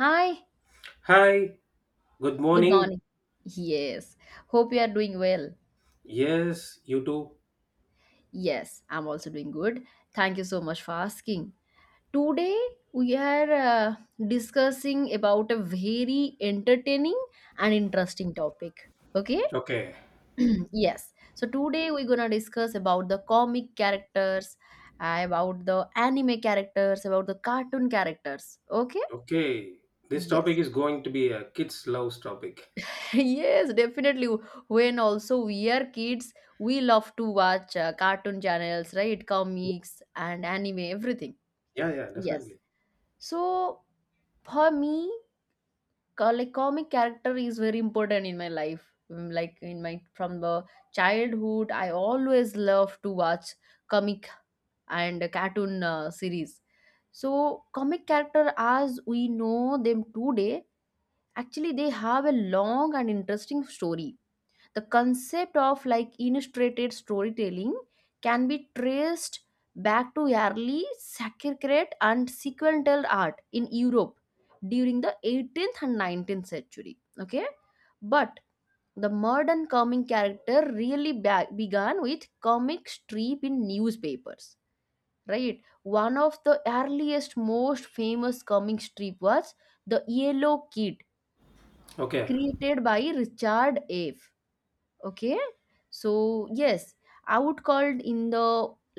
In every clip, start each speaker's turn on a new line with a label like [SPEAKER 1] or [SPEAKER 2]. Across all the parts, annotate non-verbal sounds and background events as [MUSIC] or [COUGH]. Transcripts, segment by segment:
[SPEAKER 1] Hi,
[SPEAKER 2] Hi, good
[SPEAKER 1] good
[SPEAKER 2] morning.
[SPEAKER 1] morning. Yes, hope you are doing well.
[SPEAKER 2] Yes, you too.
[SPEAKER 1] Yes, I'm also doing good. Thank you so much for asking. Today we are discussing about a very entertaining and interesting topic. Okay?
[SPEAKER 2] Okay,
[SPEAKER 1] [CLEARS THROAT] yes. So today we're going to discuss about the comic characters, about the anime characters, about the cartoon characters. Okay?
[SPEAKER 2] okay. This topic
[SPEAKER 1] Yes.
[SPEAKER 2] is going to be a kids' loves topic.
[SPEAKER 1] [LAUGHS] yes, definitely, when also we are kids we love to watch cartoon channels, right, comics and anime everything.
[SPEAKER 2] Yeah, yeah,
[SPEAKER 1] Yes,
[SPEAKER 2] definitely.
[SPEAKER 1] so for me, like comic character is very important in my life. Mm, like in my from the childhood I always love to watch comic and cartoon series. So comic character as we know them today, actually they have a long and interesting story. The concept of like illustrated storytelling can be traced back to early Sanskrit and sequential art in Europe during the 18th and 19th century. Okay, but the modern comic character really began with comic strip in newspapers, right? One of the earliest, most famous comic strip was The Yellow Kid,
[SPEAKER 2] Okay.
[SPEAKER 1] created by Richard F, okay. So yes, I would called in the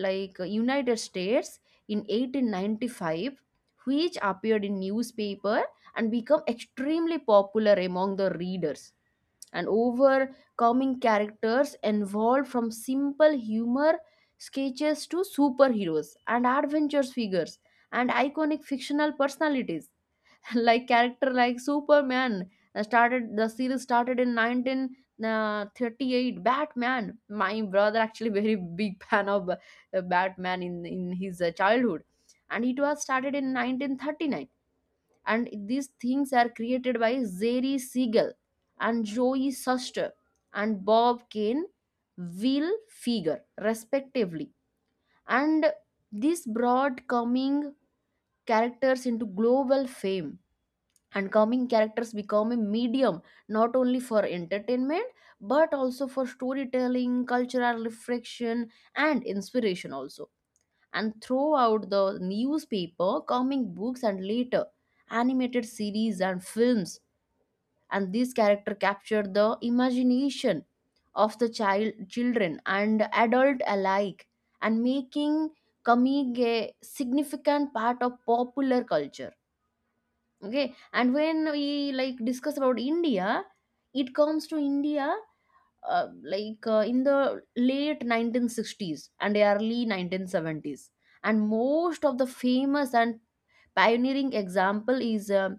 [SPEAKER 1] like United States in 1895, which appeared in newspaper and become extremely popular among the readers, and overcoming characters involved from simple humor sketches to superheroes and adventures figures and iconic fictional personalities, like character like Superman, started, the series started in 1938. Batman, my brother actually [LAUGHS] very big fan of Batman in his childhood, and it was started in 1939. And these things are created by Jerry Siegel and Joey Suster and Bob Kane, will Figure, respectively. And this brought coming characters into global fame, and comic characters become a medium not only for entertainment but also for storytelling, cultural reflection, and inspiration also. And throughout the newspaper comic books and later animated series and films, and these character capture the imagination of the child children and adult alike, and making comic a significant part of popular culture. Okay, and when we like discuss about India, it comes to India, uh, like in the late 1960s and early 1970s, and most of the famous and pioneering example is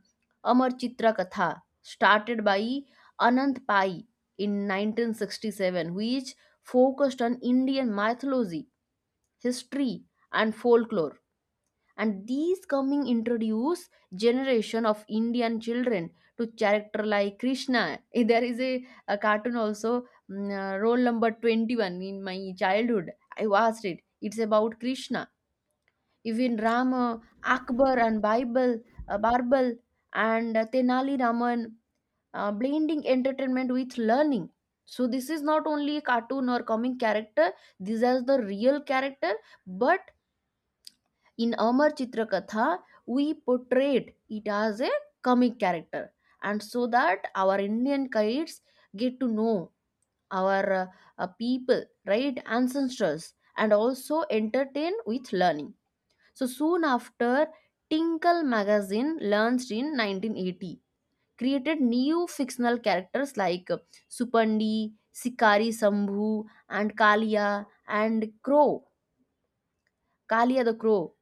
[SPEAKER 1] Amar Chitra Katha, started by Anant Pai in 1967, which focused on Indian mythology, history, and folklore. And these coming introduce generation of Indian children to character like Krishna. [LAUGHS] There is a cartoon also, mm, roll number 21. In my childhood I watched it, it's about Krishna, even Rama, Akbar and Bible, Barbal, and Tenali Raman, blending entertainment with learning. So this is not only a cartoon or comic character, these are the real character. But in Amar Chitrakatha, we portrayed it as a comic character, and so that our Indian kids get to know our people, right, ancestors, and also entertain with learning. So soon after, Tinkle magazine launched in 1980, created new fictional characters like Supandi, Sikari Sambhu, and Kalia and Crow, Kalia the Crow,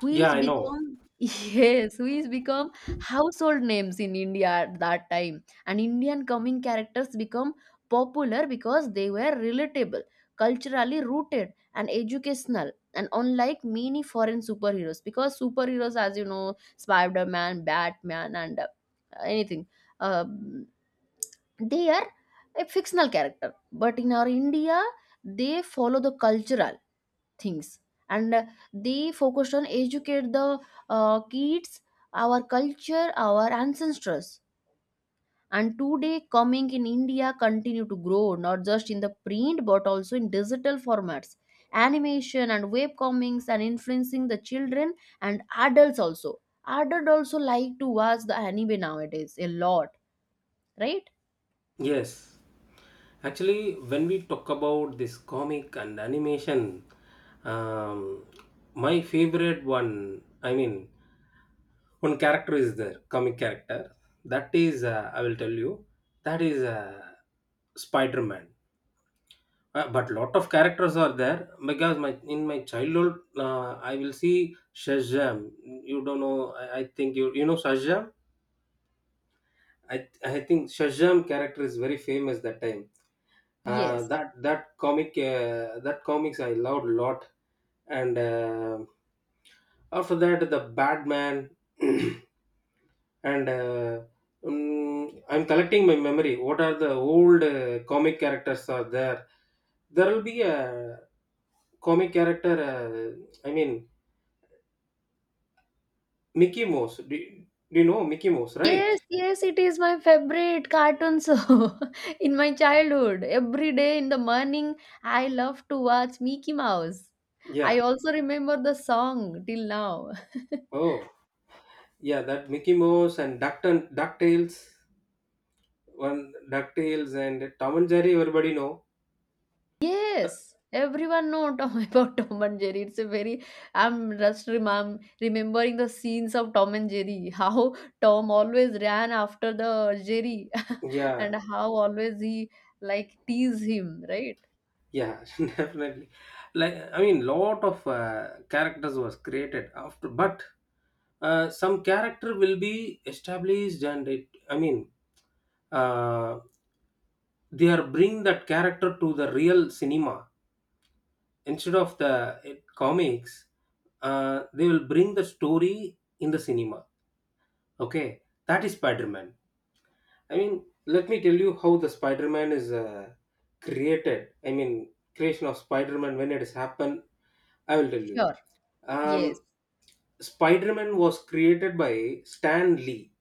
[SPEAKER 1] which
[SPEAKER 2] Yeah, I know.
[SPEAKER 1] become [LAUGHS] yes, which become household names in India at that time. And Indian coming characters become popular because they were relatable, culturally rooted, and educational. And unlike many foreign superheroes, because superheroes, as you know, Spider Man, Batman, and anything, uh, they are a fictional character, but in our India they follow the cultural things, and they focused on educate the kids our culture our ancestors. And today coming in India continue to grow, not just in the print but also in digital formats, animation and web comics, and influencing the children and adults also. Adults also like to watch the anime nowadays a lot, right?
[SPEAKER 2] Yes. Actually, when we talk about this comic and animation, um, my favorite one, I mean, one character is there, comic character. That is, I will tell you, that is Spider Man. But lot of characters are there because my in my childhood I will see Shazam. You don't know. I think you know Shazam. I think Shazam character is very famous that time.
[SPEAKER 1] Yes.
[SPEAKER 2] That comic that comics I loved a lot. And after that the Batman [CLEARS THROAT] and uh, I'm collecting my memory. What are the old comic characters are there? There will be a comic character, I mean Mickey Mouse. Do you know Mickey Mouse, right?
[SPEAKER 1] Yes, yes, it is my favorite cartoon show [LAUGHS] in my childhood. Every day in the morning, I love to watch Mickey Mouse. I
[SPEAKER 2] Yeah.
[SPEAKER 1] also remember the song till now. [LAUGHS]
[SPEAKER 2] Oh, yeah. That Mickey Mouse and Duck and Ducktales, one Ducktales and Tom and Jerry. Everybody know.
[SPEAKER 1] Yes, everyone know Tom [LAUGHS] about Tom and Jerry. It's a very, I'm just remembering the scenes of Tom and Jerry. [LAUGHS] How Tom always ran after the Jerry, [LAUGHS] and
[SPEAKER 2] Yeah,
[SPEAKER 1] how always he like tease him, right?
[SPEAKER 2] yeah, [LAUGHS] definitely. Like I mean, lot of characters was created after, but some character will be established, and it. I mean, uh, they are bring that character to the real cinema instead of the eh, comics, they will bring the story in the cinema. Okay, that is Spider-Man. I mean, let me tell you how the Spider-Man is created. I mean, creation of Spider-Man, when it has happened, I will tell you.
[SPEAKER 1] Sure.
[SPEAKER 2] um,
[SPEAKER 1] Yes.
[SPEAKER 2] Spider-Man was created by Stan Lee.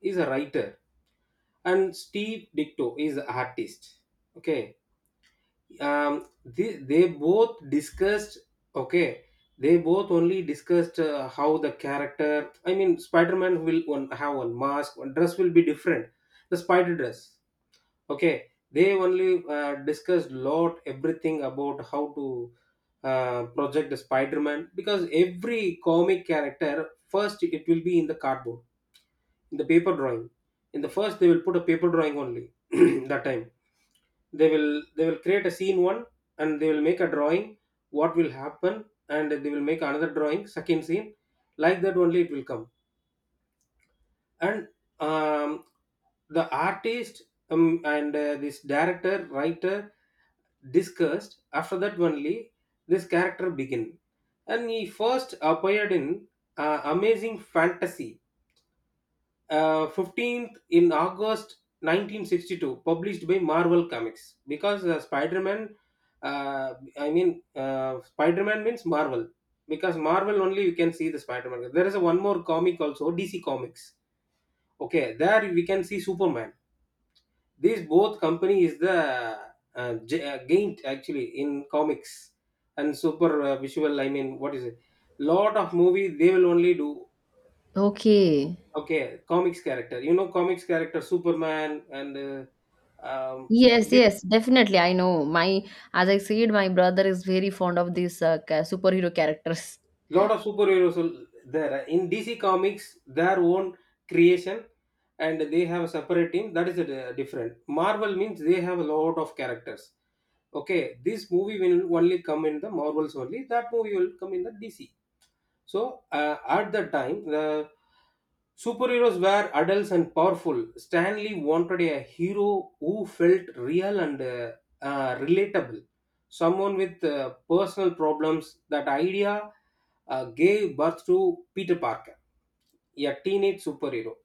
[SPEAKER 2] He's a writer, and Steve Ditko is the artist. Okay. um they both discussed. Okay, they both only discussed how the character, I mean Spider-Man will one, have one mask, one dress will be different, the spider dress. Okay, they only discussed lot everything about how to project the Spider-Man, because every comic character first it will be in the cardboard, in the paper drawing. In the first they will put a paper drawing only. [CLEARS THROAT] That time they will they will create a scene one, and they will make a drawing what will happen, and they will make another drawing second scene. Like that only it will come. And um, the artist, and this director writer discussed. After that only this character begin, and he first appeared in Amazing Fantasy 15th in August 1962, published by Marvel Comics. Because Spider Man, uh, Spider Man means Marvel, because Marvel only you can see the Spider Man. There is a one more comic also, DC Comics. Okay, there we can see Superman. These both company is the gained actually in comics and super visual. I mean, what is it? Lot of movie they will only do.
[SPEAKER 1] Okay.
[SPEAKER 2] Okay, comics character. You know, comics character, Superman, and um,
[SPEAKER 1] Yes,
[SPEAKER 2] this
[SPEAKER 1] yes, definitely. I know. My, as I said, my brother is very fond of these superhero characters.
[SPEAKER 2] lot of superheroes are there in DC Comics. Their own creation, and they have a separate team. That is a, different. Marvel means they have a lot of characters. Okay, this movie will only come in the Marvels only. That movie will come in the DC. So at that time, the superheroes were adults and powerful. Stanley wanted a hero who felt real and relatable, someone with personal problems. That idea gave birth to Peter Parker, a teenage superhero.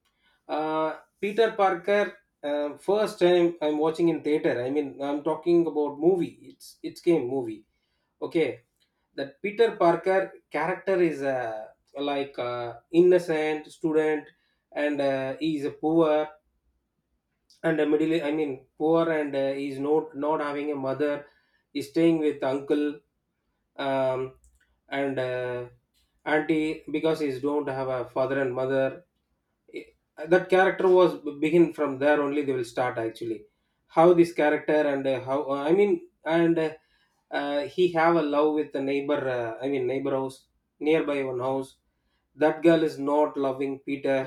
[SPEAKER 2] Uh, Peter Parker. First time I'm watching in theater. I mean, I'm talking about movie. It's came movie. Okay, that Peter Parker character is innocent student, and he is a poor and a middle. I mean, poor and he is not having a mother. He's staying with uncle um, and auntie, because he don't have a father and mother. That character was begin from there only. They will start actually how this character and how I mean and he have a love with the neighbor, I mean neighbor house, nearby one house. That girl is not loving Peter.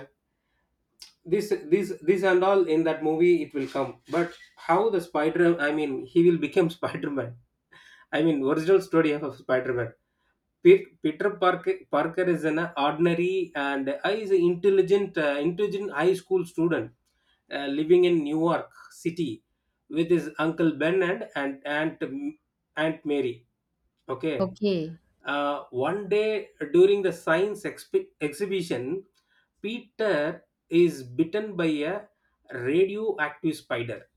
[SPEAKER 2] This this this and all in that movie it will come. But how the spider, I mean he will become [LAUGHS] spider-man, I mean original story of Spider-Man. Peter Parker, Parker is an ordinary and I is an intelligent, intelligent high school student living in New York City with his uncle Ben and Aunt Mary. Okay.
[SPEAKER 1] Okay,
[SPEAKER 2] One day during the exhibition, Peter is bitten by a radioactive spider.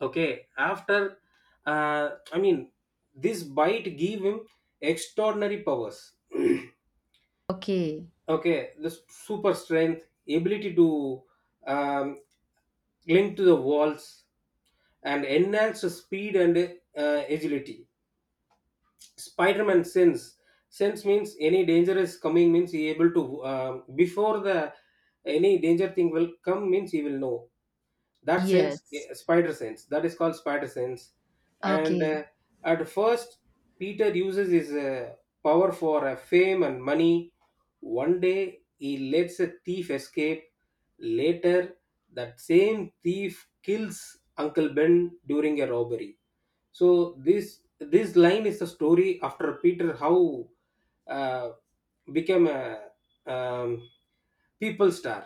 [SPEAKER 2] Okay. After, uh, I mean, this bite gave him extraordinary powers. [CLEARS THROAT]
[SPEAKER 1] okay,
[SPEAKER 2] Okay, the super strength, ability to um, cling to the walls and enhance the speed and agility. Spider-Man sense, sense means any danger is coming means he able to, before the any danger thing will come means he will know. That sense,
[SPEAKER 1] yes,
[SPEAKER 2] spider sense, that is called spider sense. And
[SPEAKER 1] okay.
[SPEAKER 2] at first Peter uses his power for fame and money. One day he lets a thief escape. Later that same thief kills uncle Ben during a robbery. So this line is the story. After Peter, how uh, became a um, people star,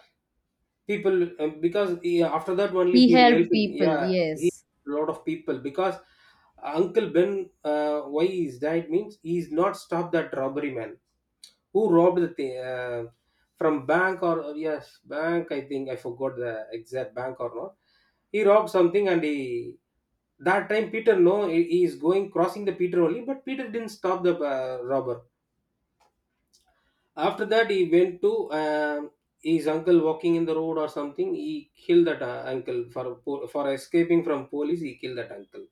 [SPEAKER 2] people because he, after that only
[SPEAKER 1] He
[SPEAKER 2] he will help
[SPEAKER 1] helped
[SPEAKER 2] him.
[SPEAKER 1] people.
[SPEAKER 2] Yeah, he,
[SPEAKER 1] Yes,
[SPEAKER 2] a lot of people. Because uncle Ben, why he's died means he's not stopped that robbery man who robbed the thing, from bank or yes bank, I think I forgot the exact bank or not. He robbed something, and he, that time Peter no, he he is going crossing the Peter only, but Peter didn't stop the robber. After that, he went to his uncle walking in the road or something. He killed that uncle for escaping from police. He killed that uncle.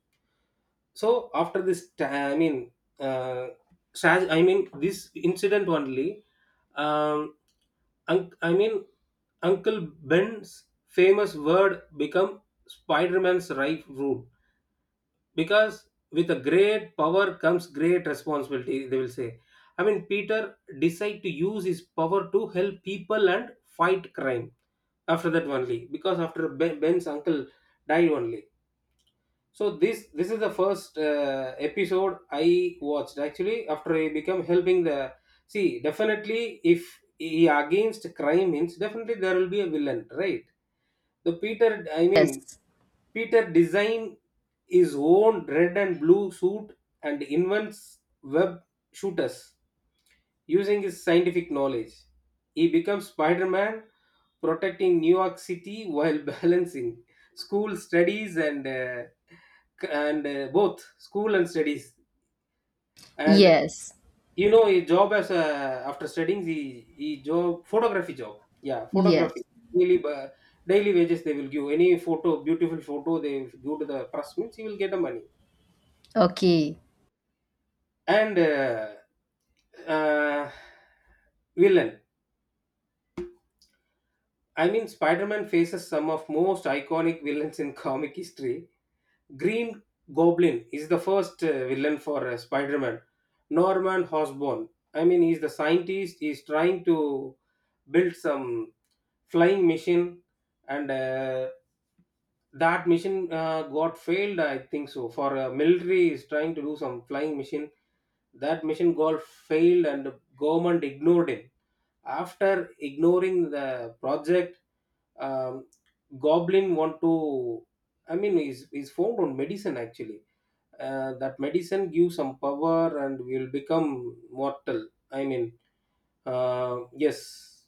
[SPEAKER 2] So after this, I mean, uh, I mean this incident only. Um, I mean, Uncle Ben's famous word become Spider-Man's right rule, because with a great power comes great responsibility, they will say. I mean Peter decide to use his power to help people and fight crime, after that only, because after Ben's uncle died only. So this is the first episode I watched, actually, after he become helping the, see definitely, if he against crime means definitely there will be a villain, right? The Peter, I mean
[SPEAKER 1] yes,
[SPEAKER 2] Peter design his own red and blue suit, and invents web shooters. Using his scientific knowledge, he becomes Spider Man, protecting New York City while [LAUGHS] balancing school studies and both school and studies. And
[SPEAKER 1] yes,
[SPEAKER 2] you know, his job as a, after studying, he job photography job. Yeah, photography
[SPEAKER 1] yes.
[SPEAKER 2] daily ba- daily wages, they will give any photo, beautiful photo they give to the press means he will get the money.
[SPEAKER 1] Okay,
[SPEAKER 2] And. Uh, Villain, I mean, Spider-Man faces some of most iconic villains in comic history. Green Goblin is the first villain for Spider-Man. Norman Osborn. I mean, he's the scientist. He's trying to build some flying machine, and that mission got failed. I think so. For military, is trying to do some flying machine. That mission got failed, and the government ignored him. After ignoring the project, um, goblin want to, I mean is formed on medicine actually. That medicine gives some power and will become mortal, I mean, yes.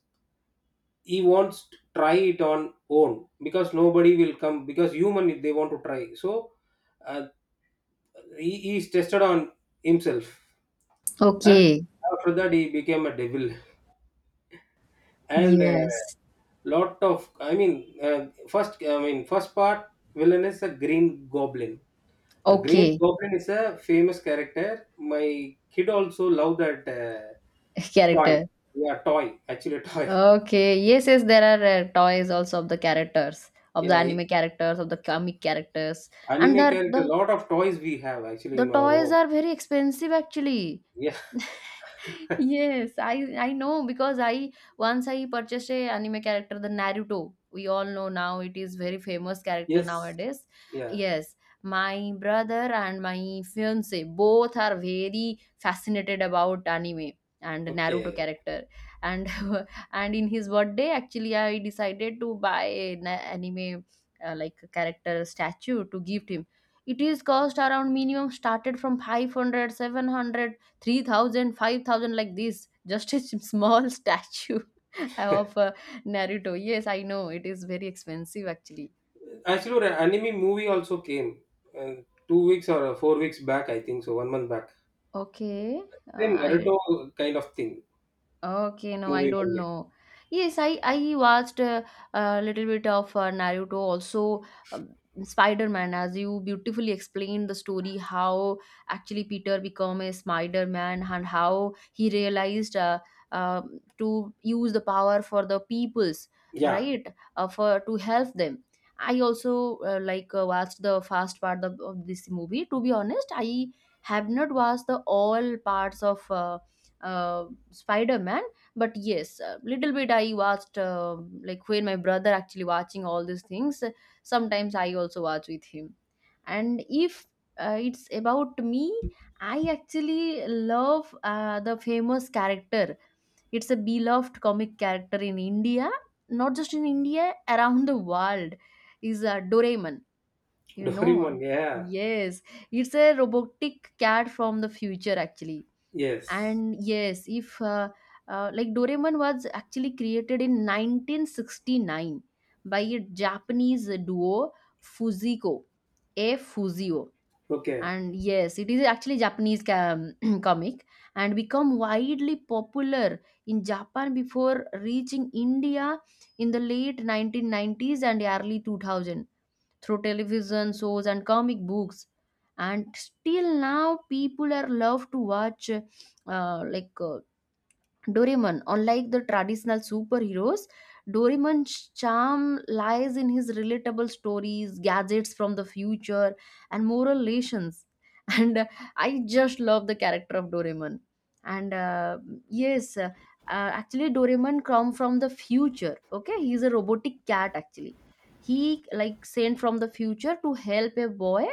[SPEAKER 2] He wants to try it on own, because nobody will come, because human they want to try. So uh, he is tested on himself. And
[SPEAKER 1] okay,
[SPEAKER 2] after that he became a devil. And
[SPEAKER 1] yes,
[SPEAKER 2] lot of, I mean, uh, first, I mean first part villain is a green goblin. The green
[SPEAKER 1] okay.
[SPEAKER 2] goblin is a famous character. My kid also love that
[SPEAKER 1] [LAUGHS]
[SPEAKER 2] toy.
[SPEAKER 1] Character.
[SPEAKER 2] Yeah, toy actually, [LAUGHS] toy.
[SPEAKER 1] Okay, yes, yes. There are toys also, of the characters, of the
[SPEAKER 2] Yeah,
[SPEAKER 1] anime characters, of the comic characters, and
[SPEAKER 2] anime
[SPEAKER 1] the
[SPEAKER 2] character,
[SPEAKER 1] the
[SPEAKER 2] lot of toys we have actually
[SPEAKER 1] the
[SPEAKER 2] in our
[SPEAKER 1] toys
[SPEAKER 2] home.
[SPEAKER 1] are very expensive actually.
[SPEAKER 2] Yeah.
[SPEAKER 1] Yes, I know because I once I purchased a anime character, the Naruto. We all know now it is very famous
[SPEAKER 2] [LAUGHS]
[SPEAKER 1] character
[SPEAKER 2] yes.
[SPEAKER 1] nowadays.
[SPEAKER 2] Yeah.
[SPEAKER 1] Yes, my brother and my fiance both are very fascinated about anime and Naruto
[SPEAKER 2] Okay.
[SPEAKER 1] character. And [LAUGHS] and in his birthday, actually, I decided to buy an anime like character statue to gift him. It is cost around minimum started from 500, 3,000, 5,000, like this, just a [LAUGHS] small statue [LAUGHS] of Naruto. Yes, I know it is very expensive actually.
[SPEAKER 2] Actually an anime movie also came uh, 2 weeks or 4 weeks back, I think so one month back.
[SPEAKER 1] Okay.
[SPEAKER 2] Then
[SPEAKER 1] I
[SPEAKER 2] Naruto kind of thing,
[SPEAKER 1] Okay, no, I
[SPEAKER 2] movie
[SPEAKER 1] don't
[SPEAKER 2] only.
[SPEAKER 1] know. Yes, I watched a little bit of Naruto, also, um, Spider-Man. As you beautifully explained the story, how actually Peter became a Spider-Man and how he realized um to use the power for the peoples,
[SPEAKER 2] Yeah,
[SPEAKER 1] right? For to help them. I also like watched the first part of this movie. To be honest, I have not watched the all parts of. Uh, Spider-man, but yes little bit I watched like when my brother actually watching all these things, sometimes I also watch with him. And if it's about me, I actually love the famous character. It's a beloved comic character in India, not just in India, around the world, is Doraemon,
[SPEAKER 2] [LAUGHS]
[SPEAKER 1] you know?
[SPEAKER 2] doraemon, yeah.
[SPEAKER 1] Yes, it's a robotic cat from the future, actually.
[SPEAKER 2] Yes.
[SPEAKER 1] And yes, if like Doraemon was actually created in 1969 by a Japanese duo, Fujiko, a Fuzio.
[SPEAKER 2] Okay.
[SPEAKER 1] And yes, it is actually Japanese [CLEARS THROAT] comic, and become widely popular in Japan before reaching India in the late 1990s and early 2000 through television shows and comic books. And still now people are love to watch like Doraemon. Unlike the traditional superheroes, Doraemon's charm lies in his relatable stories, gadgets from the future, and moral lessons. [LAUGHS] And I just love the character of Doraemon. And yes, actually, Doraemon come from the future. Okay, he's a robotic cat. Actually, he like sent from the future to help a boy,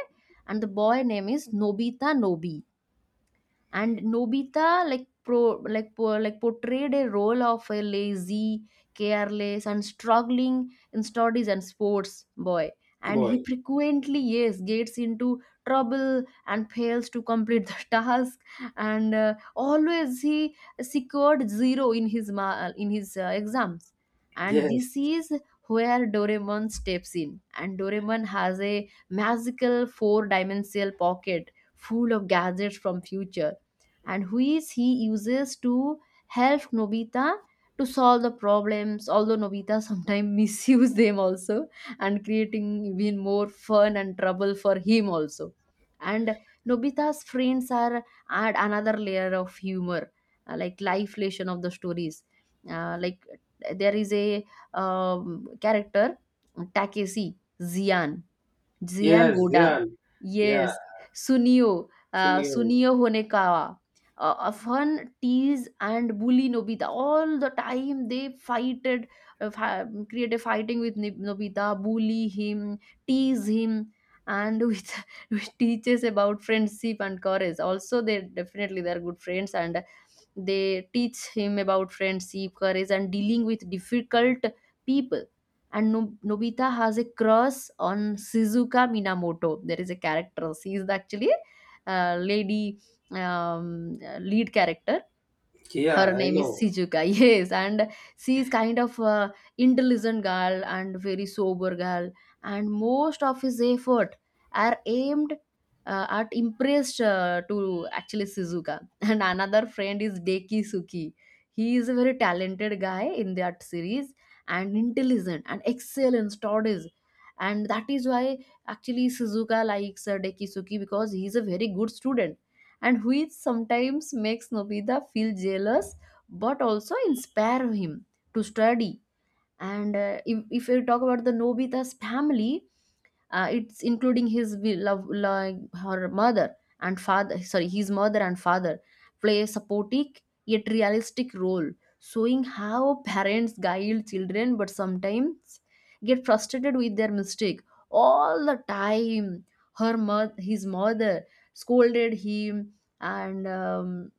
[SPEAKER 1] and the boy name is Nobita Nobi. And Nobita like like portrayed a role of a lazy, careless, and struggling in studies and sports boy. And he
[SPEAKER 2] Boy.
[SPEAKER 1] frequently, yes, gets into trouble and fails to complete the [LAUGHS] task. And always he secured zero in his in his exams. And
[SPEAKER 2] Yes.
[SPEAKER 1] this is where Doraemon steps in, and Doraemon has a magical four dimensional pocket full of gadgets from future, and which he uses to help Nobita to solve the problems, although Nobita sometimes [LAUGHS] misuse them also and creating even more fun and trouble for him also. And Nobita's friends are add another layer of humor, like life lesson of the stories. Like there is a character Takeshi Zian, Zian
[SPEAKER 2] Yes.
[SPEAKER 1] Goda.
[SPEAKER 2] Yeah. Yeah.
[SPEAKER 1] Yes. Sunio.
[SPEAKER 2] Sunio.
[SPEAKER 1] Sunio Honekawa. Fun, tease, and bully Nobita. All the time they fighted, create a fighting with Nobita, bully him, tease him, and with, [LAUGHS] with teaches about friendship and courage. Also, they definitely they are good friends and they teach him about friendship, courage, and dealing with difficult people. And Nobita has a crush on Shizuka Minamoto. There is a character. She is the actually lady, um, lead character. Her
[SPEAKER 2] Yeah. I
[SPEAKER 1] name is
[SPEAKER 2] know.
[SPEAKER 1] Shizuka. [LAUGHS] Yes, and she is kind of a intelligent girl and very sober girl. And most of his effort are aimed at impressed to actually Shizuka. [LAUGHS] And another friend is Deki Suki. He is a very talented guy in that series, and intelligent and excel in studies. And that is why actually Shizuka likes Deki Suki because he is a very good student and which sometimes makes Nobita feel jealous but also inspire him to study, and if we talk about the Nobita's family, it's including his wi- love like her mother and father sorry his mother and father play a supportive yet realistic role, showing how parents guide children but sometimes get frustrated with their mistake all the time. Her mother His mother scolded him and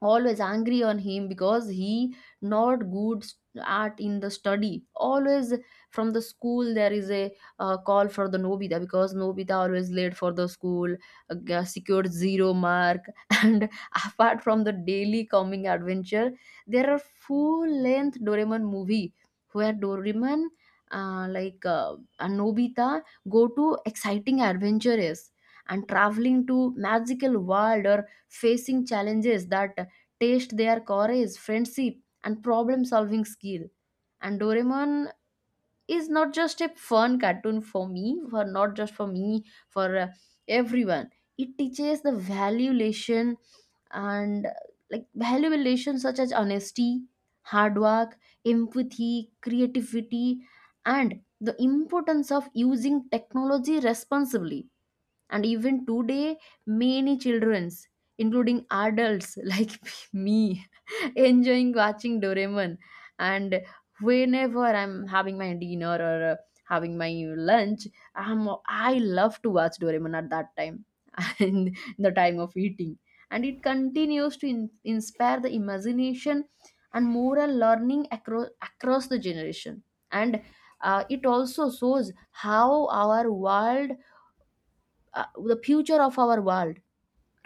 [SPEAKER 1] always angry on him because he not good at in the study always. From the school there is a call for the Nobita because Nobita always late for the school, secured zero mark. [LAUGHS] And apart from the daily coming adventure, there are full length Doraemon movie where Doraemon, and Nobita, go to exciting adventures and traveling to magical world or facing challenges that test their courage, friendship, and problem solving skill. And Doraemon is not just a fun cartoon for me, for not just for me, for everyone. It teaches the value lesson and like valuable lessons such as honesty, hard work, empathy, creativity, and the importance of using technology responsibly. And even today, many childrens, including adults, [LAUGHS] like me, enjoying watching Doraemon. And whenever I'm having my dinner or having my lunch, I love to watch Doraemon at that time [LAUGHS] in the time of eating. And it continues to inspire the imagination and moral learning across the generation. And it also shows how our world, the future of our world,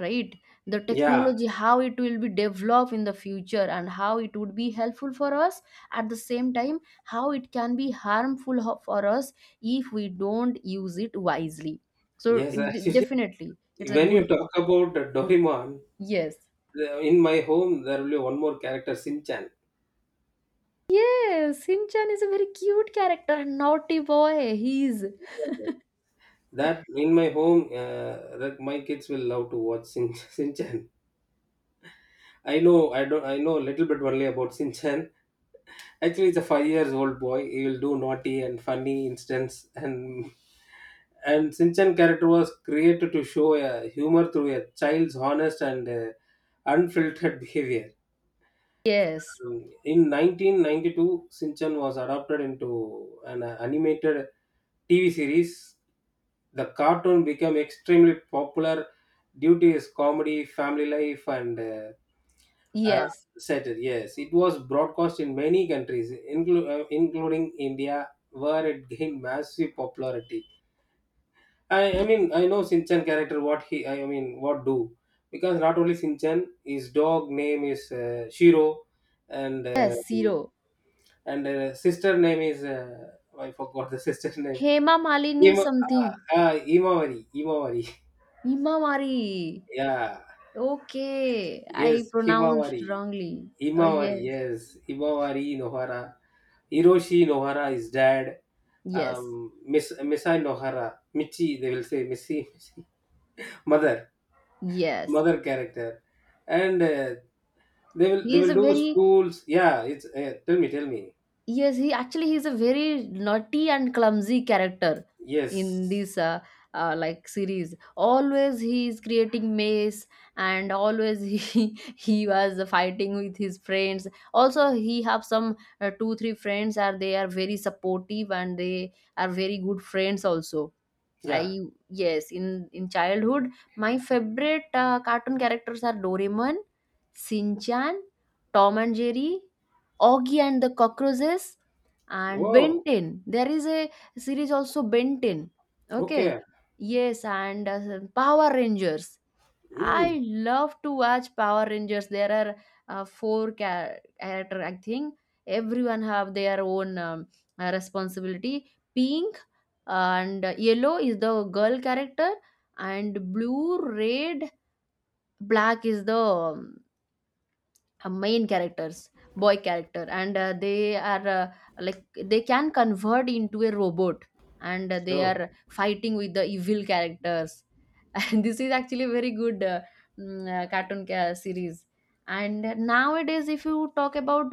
[SPEAKER 1] right, the
[SPEAKER 2] Yeah.
[SPEAKER 1] technology, how it will be developed in the future and how it would be helpful for us. At the same time, how it can be harmful for us if we don't use it wisely, so
[SPEAKER 2] Yes. [LAUGHS] Actually,
[SPEAKER 1] definitely it's a
[SPEAKER 2] when
[SPEAKER 1] good.
[SPEAKER 2] you talk about Doraemon,
[SPEAKER 1] Yes.
[SPEAKER 2] in my home there will be one more character, Shinchan.
[SPEAKER 1] Yes, Shinchan is a very cute character and naughty boy, he's
[SPEAKER 2] That in my home, like my kids will love to watch Shin [LAUGHS] Shinchan. I know. I don't. I know a little bit only about Shinchan. Actually, it's a 5 years old boy. He will do naughty and funny incidents, and Sinchan character was created to show a humor through a child's honest and unfiltered behavior.
[SPEAKER 1] yes.
[SPEAKER 2] In 1992, Sinchan was adopted into an animated TV series. The cartoon became extremely popular due to his comedy, family life, and uh,
[SPEAKER 1] Yes.
[SPEAKER 2] settled, yes. It was broadcast in many countries, including India, where it gained massive popularity. I mean, I know Shinchan character, what he, I mean, what do. Because not only Shinchan, his dog name is Shiro, and
[SPEAKER 1] Yes, zero.
[SPEAKER 2] sister name is, I forgot the sister [LAUGHS] name.
[SPEAKER 1] Hema Malini something.
[SPEAKER 2] Imawari, Imawari. [LAUGHS]
[SPEAKER 1] Hema Mari.
[SPEAKER 2] Yeah,
[SPEAKER 1] Okay,
[SPEAKER 2] yes,
[SPEAKER 1] I pronounced
[SPEAKER 2] Himawari.
[SPEAKER 1] wrongly.
[SPEAKER 2] Imawari,
[SPEAKER 1] Yes.
[SPEAKER 2] yes. Imawari Nohara. Hiroshi Nohara, is dad,
[SPEAKER 1] Yes,
[SPEAKER 2] Miss Missai Nohara, Michi, they will say Missy, Missy, mother,
[SPEAKER 1] yes.
[SPEAKER 2] mother character, and they will
[SPEAKER 1] He
[SPEAKER 2] they
[SPEAKER 1] is
[SPEAKER 2] will
[SPEAKER 1] a
[SPEAKER 2] do
[SPEAKER 1] very
[SPEAKER 2] schools. Yeah, it's, tell me, tell me.
[SPEAKER 1] yes. He is a very naughty and clumsy character in
[SPEAKER 2] Yes,
[SPEAKER 1] this series. Always he is creating mess, and always he [LAUGHS] he was fighting with his friends. Also, he have some two three friends are they are very supportive and they are very good friends also.
[SPEAKER 2] yeah.
[SPEAKER 1] I Yes, in childhood, my favorite cartoon characters are Doraemon, Shinchan, Tom and Jerry, Oggy and the Cockroaches, and Ben
[SPEAKER 2] Oh,
[SPEAKER 1] 10. There is a series also Ben 10. Okay,
[SPEAKER 2] okay.
[SPEAKER 1] yes, and Power Rangers.
[SPEAKER 2] Mm.
[SPEAKER 1] I love to watch Power Rangers. There are four character. I think everyone have their own responsibility. Pink and yellow is the girl character, and blue, red, black is the main characters, boy character, and they are they can convert into a robot, and they
[SPEAKER 2] Oh,
[SPEAKER 1] are fighting with the evil characters [LAUGHS] and this is actually very good series. And nowadays if you talk about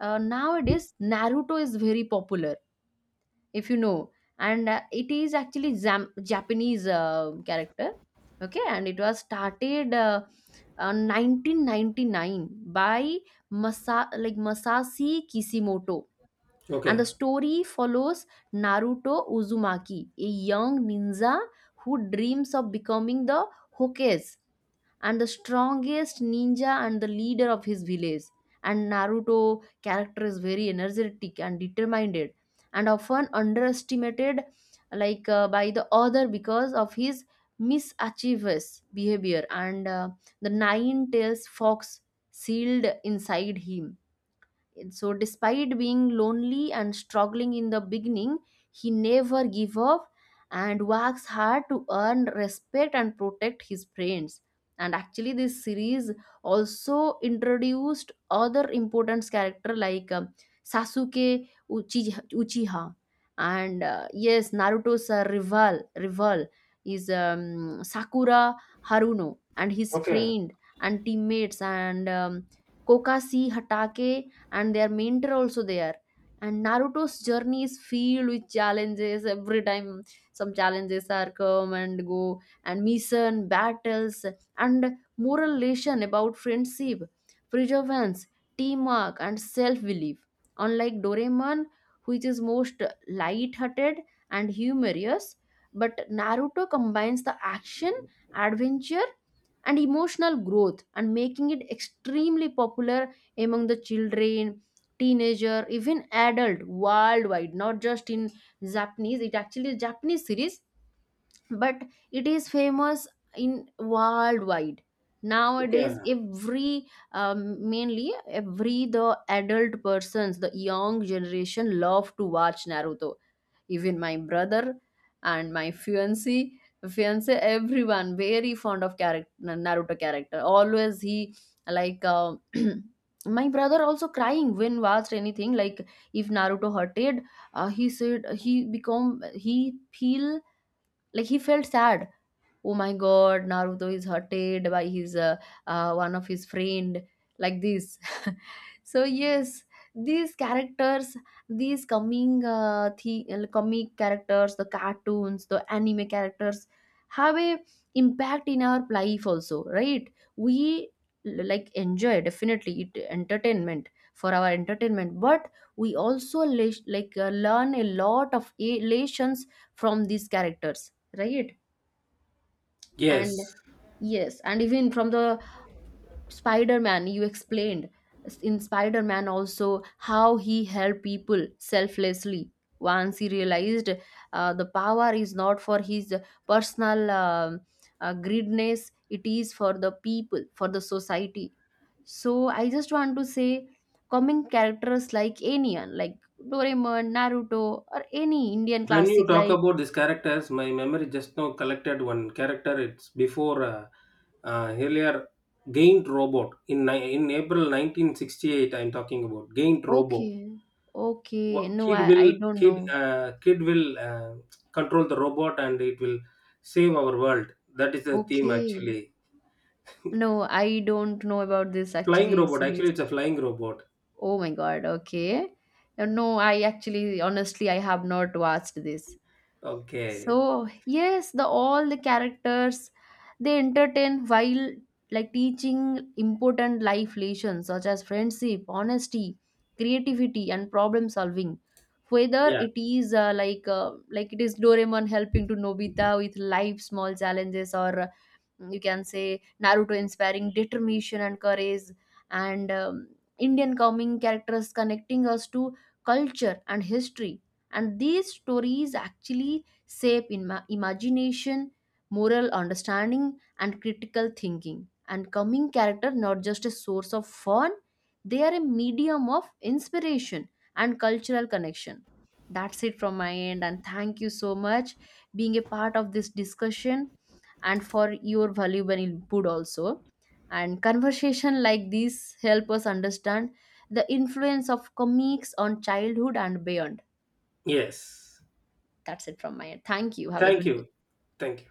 [SPEAKER 1] nowadays, Naruto is very popular, if you know. And it is actually japanese character. Okay, and it was started 1999 by Masashi Kishimoto. And
[SPEAKER 2] okay,
[SPEAKER 1] the story follows Naruto Uzumaki, a young ninja who dreams of becoming the Hokage and the strongest ninja and the leader of his village. And Naruto character is very energetic and determined and often underestimated like by the other because of his misachievous behavior and the nine tails fox sealed inside him. So despite being lonely and struggling in the beginning, he never gave up and works hard to earn respect and protect his friends. And actually, this series also introduced other important character like Sasuke Uchiha, and yes, Naruto's rival is Sakura Haruno, and his
[SPEAKER 2] okay,
[SPEAKER 1] friend and teammates, and Kokashi Hatake, and their mentor also there. And naruto's journey is filled with challenges every time, some challenges are come and go and mission battles and moral lesson about friendship, perseverance, teamwork and self-belief. Unlike Doraemon, which is most light-hearted and humorous, but Naruto combines the action, adventure, and emotional growth, and making it extremely popular among the children, teenager, even adult worldwide. Not just in japanese, it actually a japanese series, but it is famous in worldwide.
[SPEAKER 2] okay.
[SPEAKER 1] Nowadays every mainly every the adult persons, the young generation love to watch Naruto. Even my brother and my fiancé, everyone very fond of character Naruto character. Always he like uh, [CLEARS THROAT] my brother also crying when watched anything like if Naruto hurted, he said he become he feel like he felt sad, oh my god, Naruto is hurted by his one of his friend, like this. [LAUGHS] So yes, these characters, these coming comic characters, the cartoons, the anime characters, have a impact in our life also, right? We enjoy, definitely it entertainment for our entertainment, but we also learn a lot of lessons from these characters, right? And
[SPEAKER 2] Yes.
[SPEAKER 1] yes, and even from the Spider-Man you explained, in Spider-Man also how he helped people selflessly once he realized the power is not for his personal greediness, it is for the people, for the society. So I just want to say coming characters like Anian, like Doraemon, Naruto, or any Indian
[SPEAKER 2] When you
[SPEAKER 1] classic
[SPEAKER 2] talk
[SPEAKER 1] like
[SPEAKER 2] about these characters, my memory just now collected one character. It's before earlier Gaint Robot in April 1968. I'm talking about Gaint Robot.
[SPEAKER 1] okay. Okay, no,
[SPEAKER 2] Kid
[SPEAKER 1] I
[SPEAKER 2] will,
[SPEAKER 1] don't know.
[SPEAKER 2] kid will control the robot, and it will save our world. That is the theme
[SPEAKER 1] Okay.
[SPEAKER 2] actually. [LAUGHS]
[SPEAKER 1] No, I don't know about this
[SPEAKER 2] flying
[SPEAKER 1] actually
[SPEAKER 2] robot. Actually,
[SPEAKER 1] series.
[SPEAKER 2] it's a flying robot.
[SPEAKER 1] Oh my God. Okay. No, I actually, honestly, I have not watched this.
[SPEAKER 2] Okay.
[SPEAKER 1] So yes, the all the characters they entertain while like teaching important life lessons such as friendship, honesty, creativity, and problem solving. Whether
[SPEAKER 2] Yeah.
[SPEAKER 1] it is like it is Doraemon helping to Nobita with life small challenges, or you can say Naruto inspiring determination and courage, and Indian coming characters connecting us to culture and history. And these stories actually shape in imagination, moral understanding, and critical thinking. And coming character not just a source of fun, they are a medium of inspiration and cultural connection. That's it from my end, and thank you so much being a part of this discussion and for your valuable input also. And conversation like this help us understand the influence of comics on childhood and beyond.
[SPEAKER 2] Yes.
[SPEAKER 1] That's it from my end, thank you, have a
[SPEAKER 2] Thank
[SPEAKER 1] good day.
[SPEAKER 2] you. Thank you.